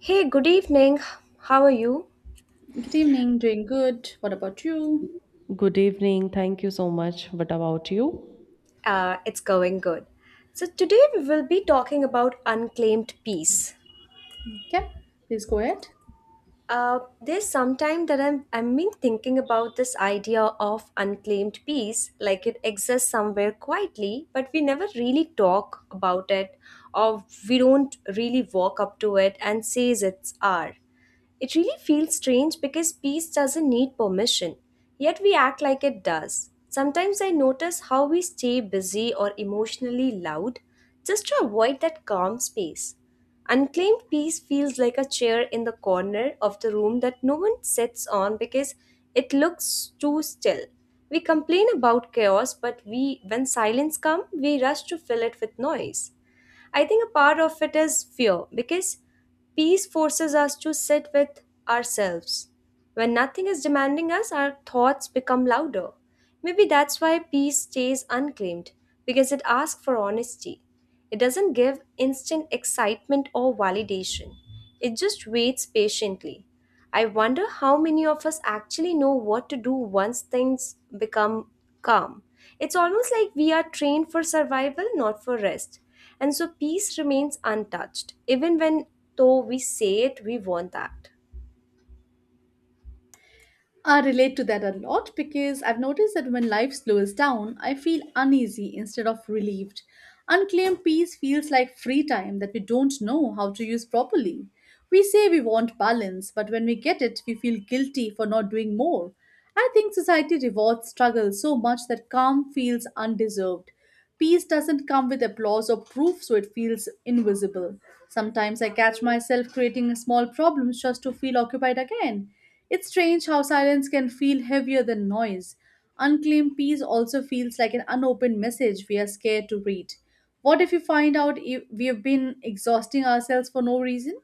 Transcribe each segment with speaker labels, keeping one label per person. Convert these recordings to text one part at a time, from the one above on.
Speaker 1: Hey, good evening. How are you?
Speaker 2: Good evening, doing good. What about you?
Speaker 3: Good evening. Thank you so much. What about you?
Speaker 1: It's going good. So, today we will be talking about unclaimed peace.
Speaker 2: Okay, please go ahead.
Speaker 1: There's some time that I've been thinking about this idea of unclaimed peace, like it exists somewhere quietly, but we never really talk about it, or we don't really walk up to it and says it's our. It really feels strange because peace doesn't need permission, yet we act like it does. Sometimes I notice how we stay busy or emotionally loud just to avoid that calm space. Unclaimed peace feels like a chair in the corner of the room that no one sits on because it looks too still. We complain about chaos, but we when silence comes, we rush to fill it with noise. I think a part of it is fear because peace forces us to sit with ourselves. When nothing is demanding us, our thoughts become louder. Maybe that's why peace stays unclaimed because it asks for honesty. It doesn't give instant excitement or validation, it just waits patiently. I wonder how many of us actually know what to do once things become calm. It's almost like we are trained for survival, not for rest. And so peace remains untouched, even when though we say it, we want that.
Speaker 2: I relate to that a lot because I've noticed that when life slows down, I feel uneasy instead of relieved. Unclaimed peace feels like free time that we don't know how to use properly. We say we want balance, but when we get it, we feel guilty for not doing more. I think society rewards struggle so much that calm feels undeserved. Peace doesn't come with applause or proof, so it feels invisible. Sometimes I catch myself creating small problems just to feel occupied again. It's strange how silence can feel heavier than noise. Unclaimed peace also feels like an unopened message we are scared to read. What if we find out we have been exhausting ourselves for no reason?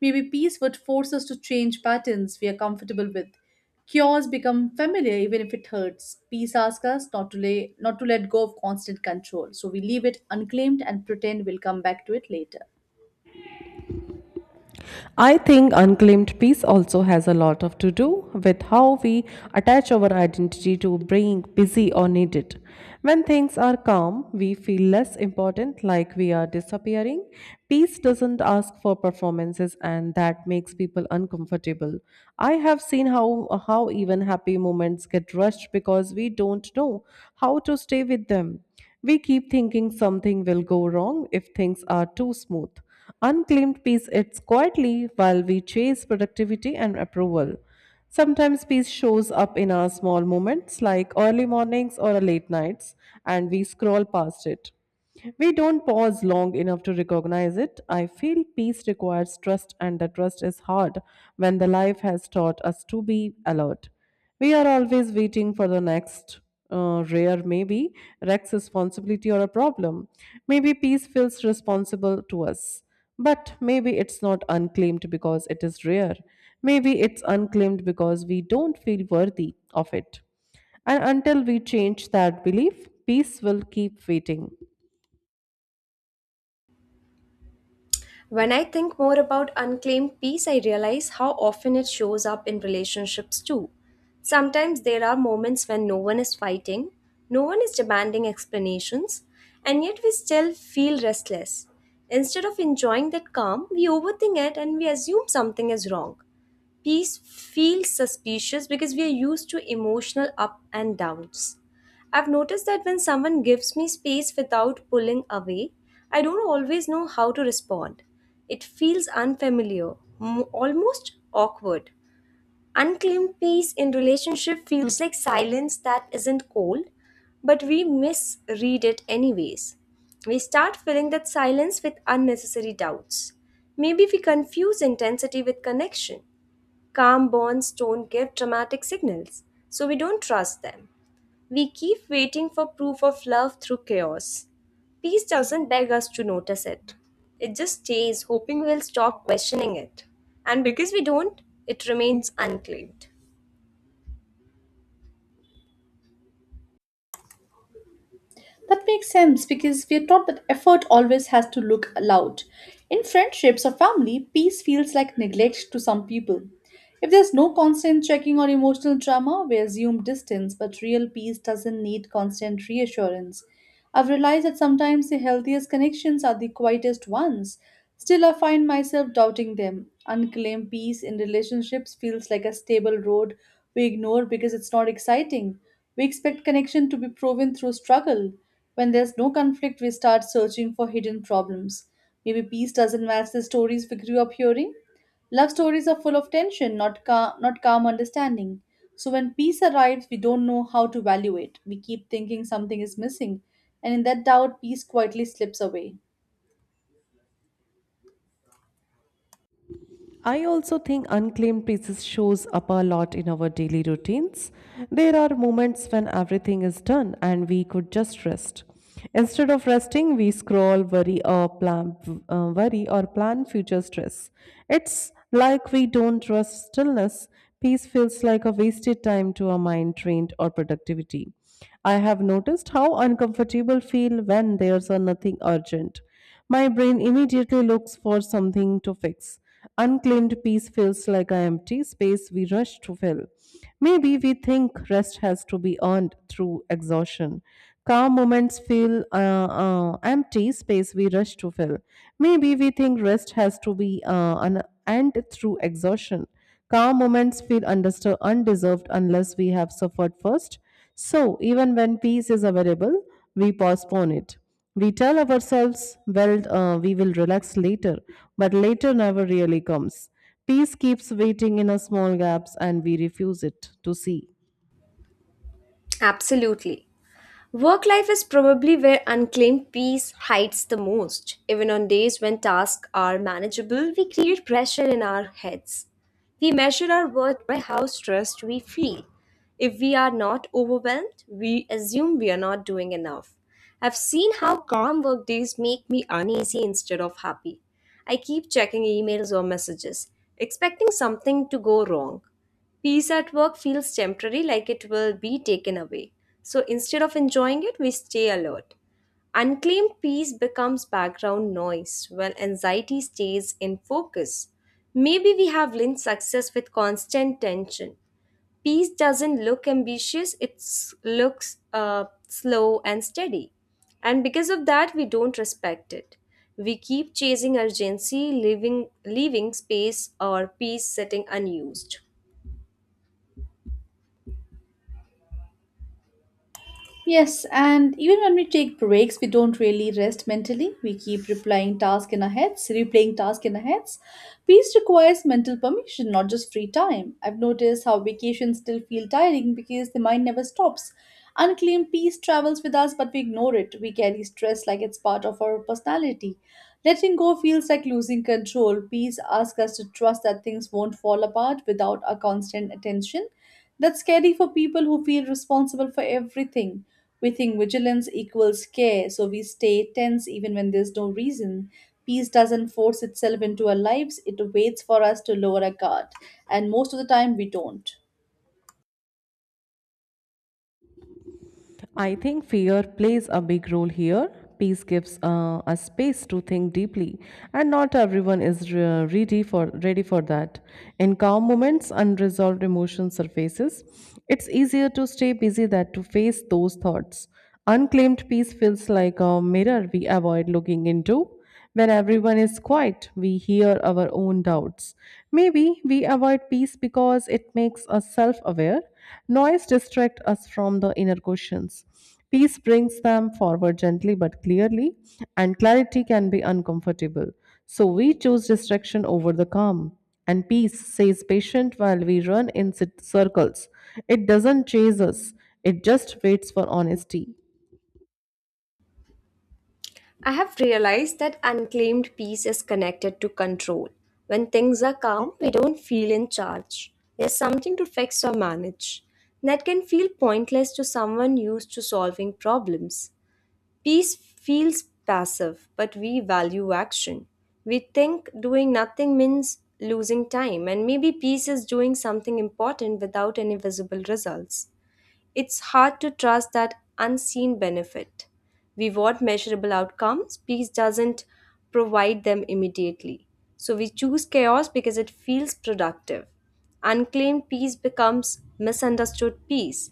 Speaker 2: Maybe peace would force us to change patterns we are comfortable with. Cures become familiar even if it hurts. Peace asks us not to lay, not to let go of constant control, so we leave it unclaimed and pretend we'll come back to it later.
Speaker 3: I think unclaimed peace also has a lot of to do with how we attach our identity to being busy or needed. When things are calm, we feel less important, like we are disappearing. Peace doesn't ask for performances, and that makes people uncomfortable. I have seen how even happy moments get rushed because we don't know how to stay with them. We keep thinking something will go wrong if things are too smooth. Unclaimed peace eats quietly while we chase productivity and approval. Sometimes peace shows up in our small moments like early mornings or late nights, and we scroll past it. We don't pause long enough to recognize it. I feel peace requires trust, and the trust is hard when the life has taught us to be alert. We are always waiting for the next rare maybe, Rex responsibility or a problem. Maybe peace feels responsible to us. But maybe it's not unclaimed because it is rare. Maybe it's unclaimed because we don't feel worthy of it. And until we change that belief, peace will keep waiting.
Speaker 1: When I think more about unclaimed peace, I realize how often it shows up in relationships too. Sometimes there are moments when no one is fighting, no one is demanding explanations, and yet we still feel restless. Instead of enjoying that calm, we overthink it and we assume something is wrong. Peace feels suspicious because we are used to emotional up and downs. I've noticed that when someone gives me space without pulling away, I don't always know how to respond. It feels unfamiliar, almost awkward. Unclaimed peace in relationship feels like silence that isn't cold, but we misread it anyways. We start filling that silence with unnecessary doubts. Maybe we confuse intensity with connection. Calm bonds don't give dramatic signals, so we don't trust them. We keep waiting for proof of love through chaos. Peace doesn't beg us to notice it, it just stays, hoping we'll stop questioning it. And because we don't, it remains unclaimed.
Speaker 2: That makes sense because we are taught that effort always has to look loud. In friendships or family, peace feels like neglect to some people. If there's no constant checking or emotional drama, we assume distance, but real peace doesn't need constant reassurance. I've realized that sometimes the healthiest connections are the quietest ones. Still, I find myself doubting them. Unclaimed peace in relationships feels like a stable road we ignore because it's not exciting. We expect connection to be proven through struggle. When there's no conflict, we start searching for hidden problems. Maybe peace doesn't match the stories we grew up hearing. Love stories are full of tension, not calm understanding. So when peace arrives, we don't know how to value it. We keep thinking something is missing, and in that doubt, peace quietly slips away.
Speaker 3: I also think unclaimed pieces shows up a lot in our daily routines. There are moments when everything is done and we could just rest. Instead of resting, we scroll, worry or plan future stress. It's like we don't trust stillness. Peace feels like a wasted time to a mind trained or productivity. I have noticed how uncomfortable feel when there's a nothing urgent. My brain immediately looks for something to fix. Unclaimed peace feels like an empty space we rush to fill. Maybe we think rest has to be earned through exhaustion. Calm moments feel empty space we rush to fill. Maybe we think rest has to be an end through exhaustion. Calm moments feel understood undeserved unless we have suffered first. So even when peace is available, we postpone it. We tell ourselves, well, we will relax later, but later never really comes. Peace keeps waiting in a small gaps and we refuse it to see.
Speaker 1: Absolutely. Work life is probably where unclaimed peace hides the most. Even on days when tasks are manageable, we create pressure in our heads. We measure our worth by how stressed we feel. If we are not overwhelmed, we assume we are not doing enough. I've seen how calm work days make me uneasy instead of happy. I keep checking emails or messages, expecting something to go wrong. Peace at work feels temporary, like it will be taken away. So instead of enjoying it, we stay alert. Unclaimed peace becomes background noise while anxiety stays in focus. Maybe we have linked success with constant tension. Peace doesn't look ambitious, it looks slow and steady. And because of that, we don't respect it. We keep chasing urgency, leaving space or peace sitting unused.
Speaker 2: Yes, and even when we take breaks, we don't really rest mentally. We keep replying task in our heads, replaying task in our heads. Peace requires mental permission, not just free time. I've noticed how vacations still feel tiring because the mind never stops. Unclaimed peace travels with us, but we ignore it. We carry stress like it's part of our personality. Letting go feels like losing control. Peace asks us to trust that things won't fall apart without our constant attention. That's scary for people who feel responsible for everything. We think vigilance equals care, so we stay tense even when there's no reason. Peace doesn't force itself into our lives, it waits for us to lower our guard, and most of the time we don't.
Speaker 3: I think fear plays a big role here. Peace gives us space to think deeply, and not everyone is ready for that. In calm moments, unresolved emotion surfaces. It's easier to stay busy than to face those thoughts. Unclaimed peace feels like a mirror we avoid looking into. When everyone is quiet, we hear our own doubts. Maybe we avoid peace because it makes us self aware. Noise distracts us from the inner questions. Peace brings them forward gently but clearly, and clarity can be uncomfortable. So we choose distraction over the calm. And peace stays patient while we run in circles. It doesn't chase us, it just waits for honesty.
Speaker 1: I have realized that unclaimed peace is connected to control. When things are calm, we don't feel in charge. There's something to fix or manage. That can feel pointless to someone used to solving problems. Peace feels passive, but we value action. We think doing nothing means losing time, and maybe peace is doing something important without any visible results. It's hard to trust that unseen benefit. We want measurable outcomes, peace doesn't provide them immediately. So we choose chaos because it feels productive. Unclaimed peace becomes misunderstood peace.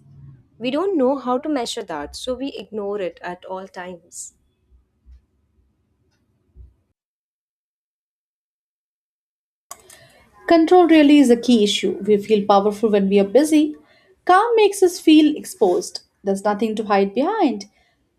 Speaker 1: We don't know how to measure that, so we ignore it at all times.
Speaker 2: Control really is a key issue. We feel powerful when we are busy. Calm makes us feel exposed. There's nothing to hide behind.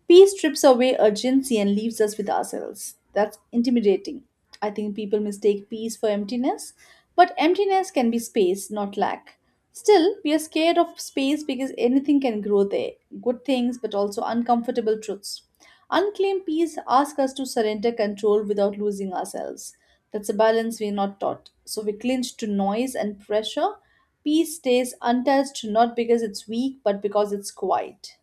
Speaker 2: Peace strips away urgency and leaves us with ourselves. That's intimidating. I think people mistake peace for emptiness, but emptiness can be space, not lack. Still, we are scared of space because anything can grow there, good things, but also uncomfortable truths. Unclaimed peace asks us to surrender control without losing ourselves. That's a balance we're not taught. So we clinch to noise and pressure. Peace stays untouched not because it's weak, but because it's quiet.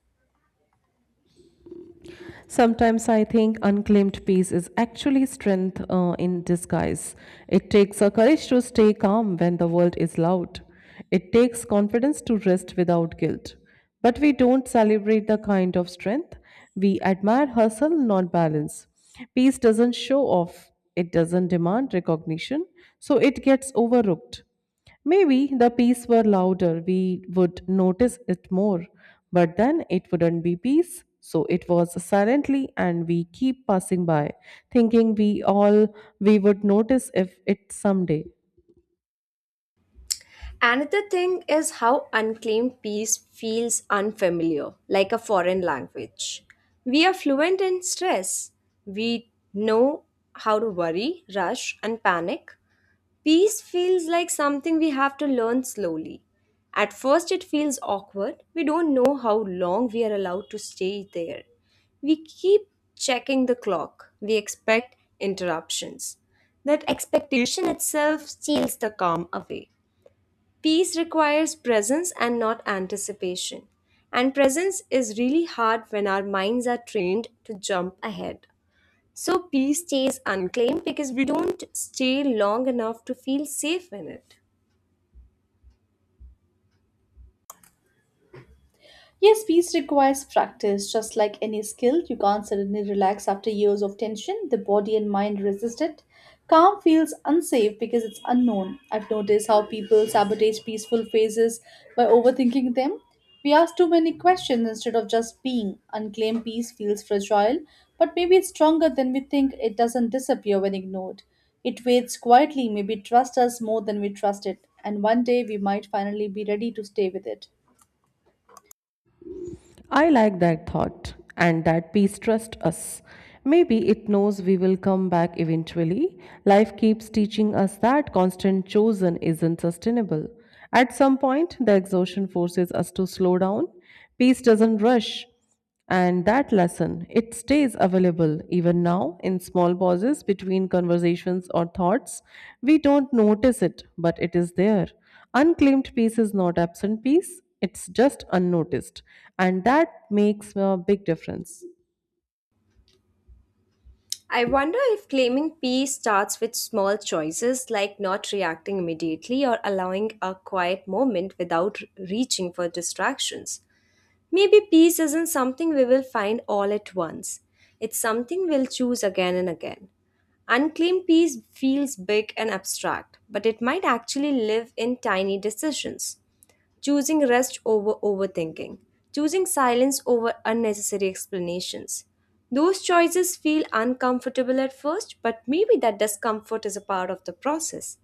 Speaker 3: Sometimes I think unclaimed peace is actually strength in disguise. It takes a courage to stay calm when the world is loud. It takes confidence to rest without guilt. But we don't celebrate the kind of strength. We admire hustle, not balance. Peace doesn't show off, it doesn't demand recognition, so it gets overlooked. Maybe the peas were louder, we would notice it more, but then it wouldn't be peace. So it was silently, and we keep passing by, thinking we all we would notice if it someday.
Speaker 1: Another thing is how unclaimed peace feels unfamiliar, like a foreign language. We are fluent in stress. We know how to worry, rush, and panic. Peace feels like something we have to learn slowly. At first, it feels awkward. We don't know how long we are allowed to stay there. We keep checking the clock. We expect interruptions. That expectation itself steals the calm away. Peace requires presence and not anticipation. And presence is really hard when our minds are trained to jump ahead. So peace stays unclaimed because we don't stay long enough to feel safe in it.
Speaker 2: Yes, peace requires practice. Just like any skill, you can't suddenly relax after years of tension. The body and mind resist it. Calm feels unsafe because it's unknown. I've noticed how people sabotage peaceful phases by overthinking them. We ask too many questions instead of just being. Unclaimed peace feels fragile, but maybe it's stronger than we think. It doesn't disappear when ignored. It waits quietly, maybe trust us more than we trust it, and one day we might finally be ready to stay with it.
Speaker 3: I like that thought, and that peace trusts us. Maybe it knows we will come back eventually. Life keeps teaching us that constant chosen isn't sustainable. At some point, the exhaustion forces us to slow down. Peace doesn't rush. And that lesson, it stays available even now in small pauses between conversations or thoughts. We don't notice it, but it is there. Unclaimed peace is not absent peace, it's just unnoticed. And that makes a big difference.
Speaker 1: I wonder if claiming peace starts with small choices like not reacting immediately or allowing a quiet moment without reaching for distractions. Maybe peace isn't something we will find all at once. It's something we'll choose again and again. Unclaimed peace feels big and abstract, but it might actually live in tiny decisions. Choosing rest over overthinking, choosing silence over unnecessary explanations. Those choices feel uncomfortable at first, but maybe that discomfort is a part of the process.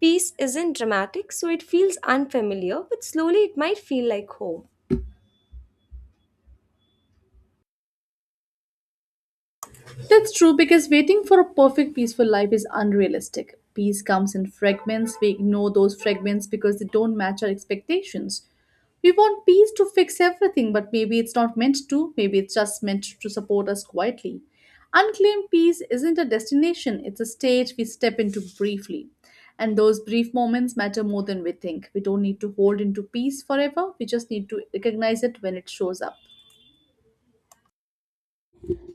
Speaker 1: Peace isn't dramatic, so it feels unfamiliar, but slowly it might feel like home.
Speaker 2: That's true because waiting for a perfect peaceful life is unrealistic. Peace comes in fragments. We ignore those fragments because they don't match our expectations. We want peace to fix everything, but maybe it's not meant to. Maybe it's just meant to support us quietly. Unclaimed peace isn't a destination, it's a state we step into briefly. And those brief moments matter more than we think. We don't need to hold into peace forever, we just need to recognize it when it shows up.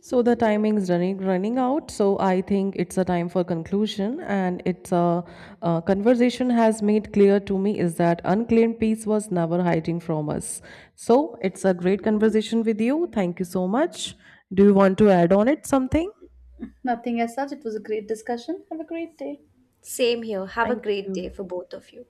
Speaker 3: So the timing is running out. So I think it's a time for conclusion, and it's a conversation has made clear to me is that unclaimed peace was never hiding from us. So it's a great conversation with you. Thank you so much. Do you want to add on it something?
Speaker 2: Nothing as such. It was a great discussion. Have a great day.
Speaker 1: Same here. Have a
Speaker 3: Thank
Speaker 1: great
Speaker 3: you.
Speaker 1: day for both of you.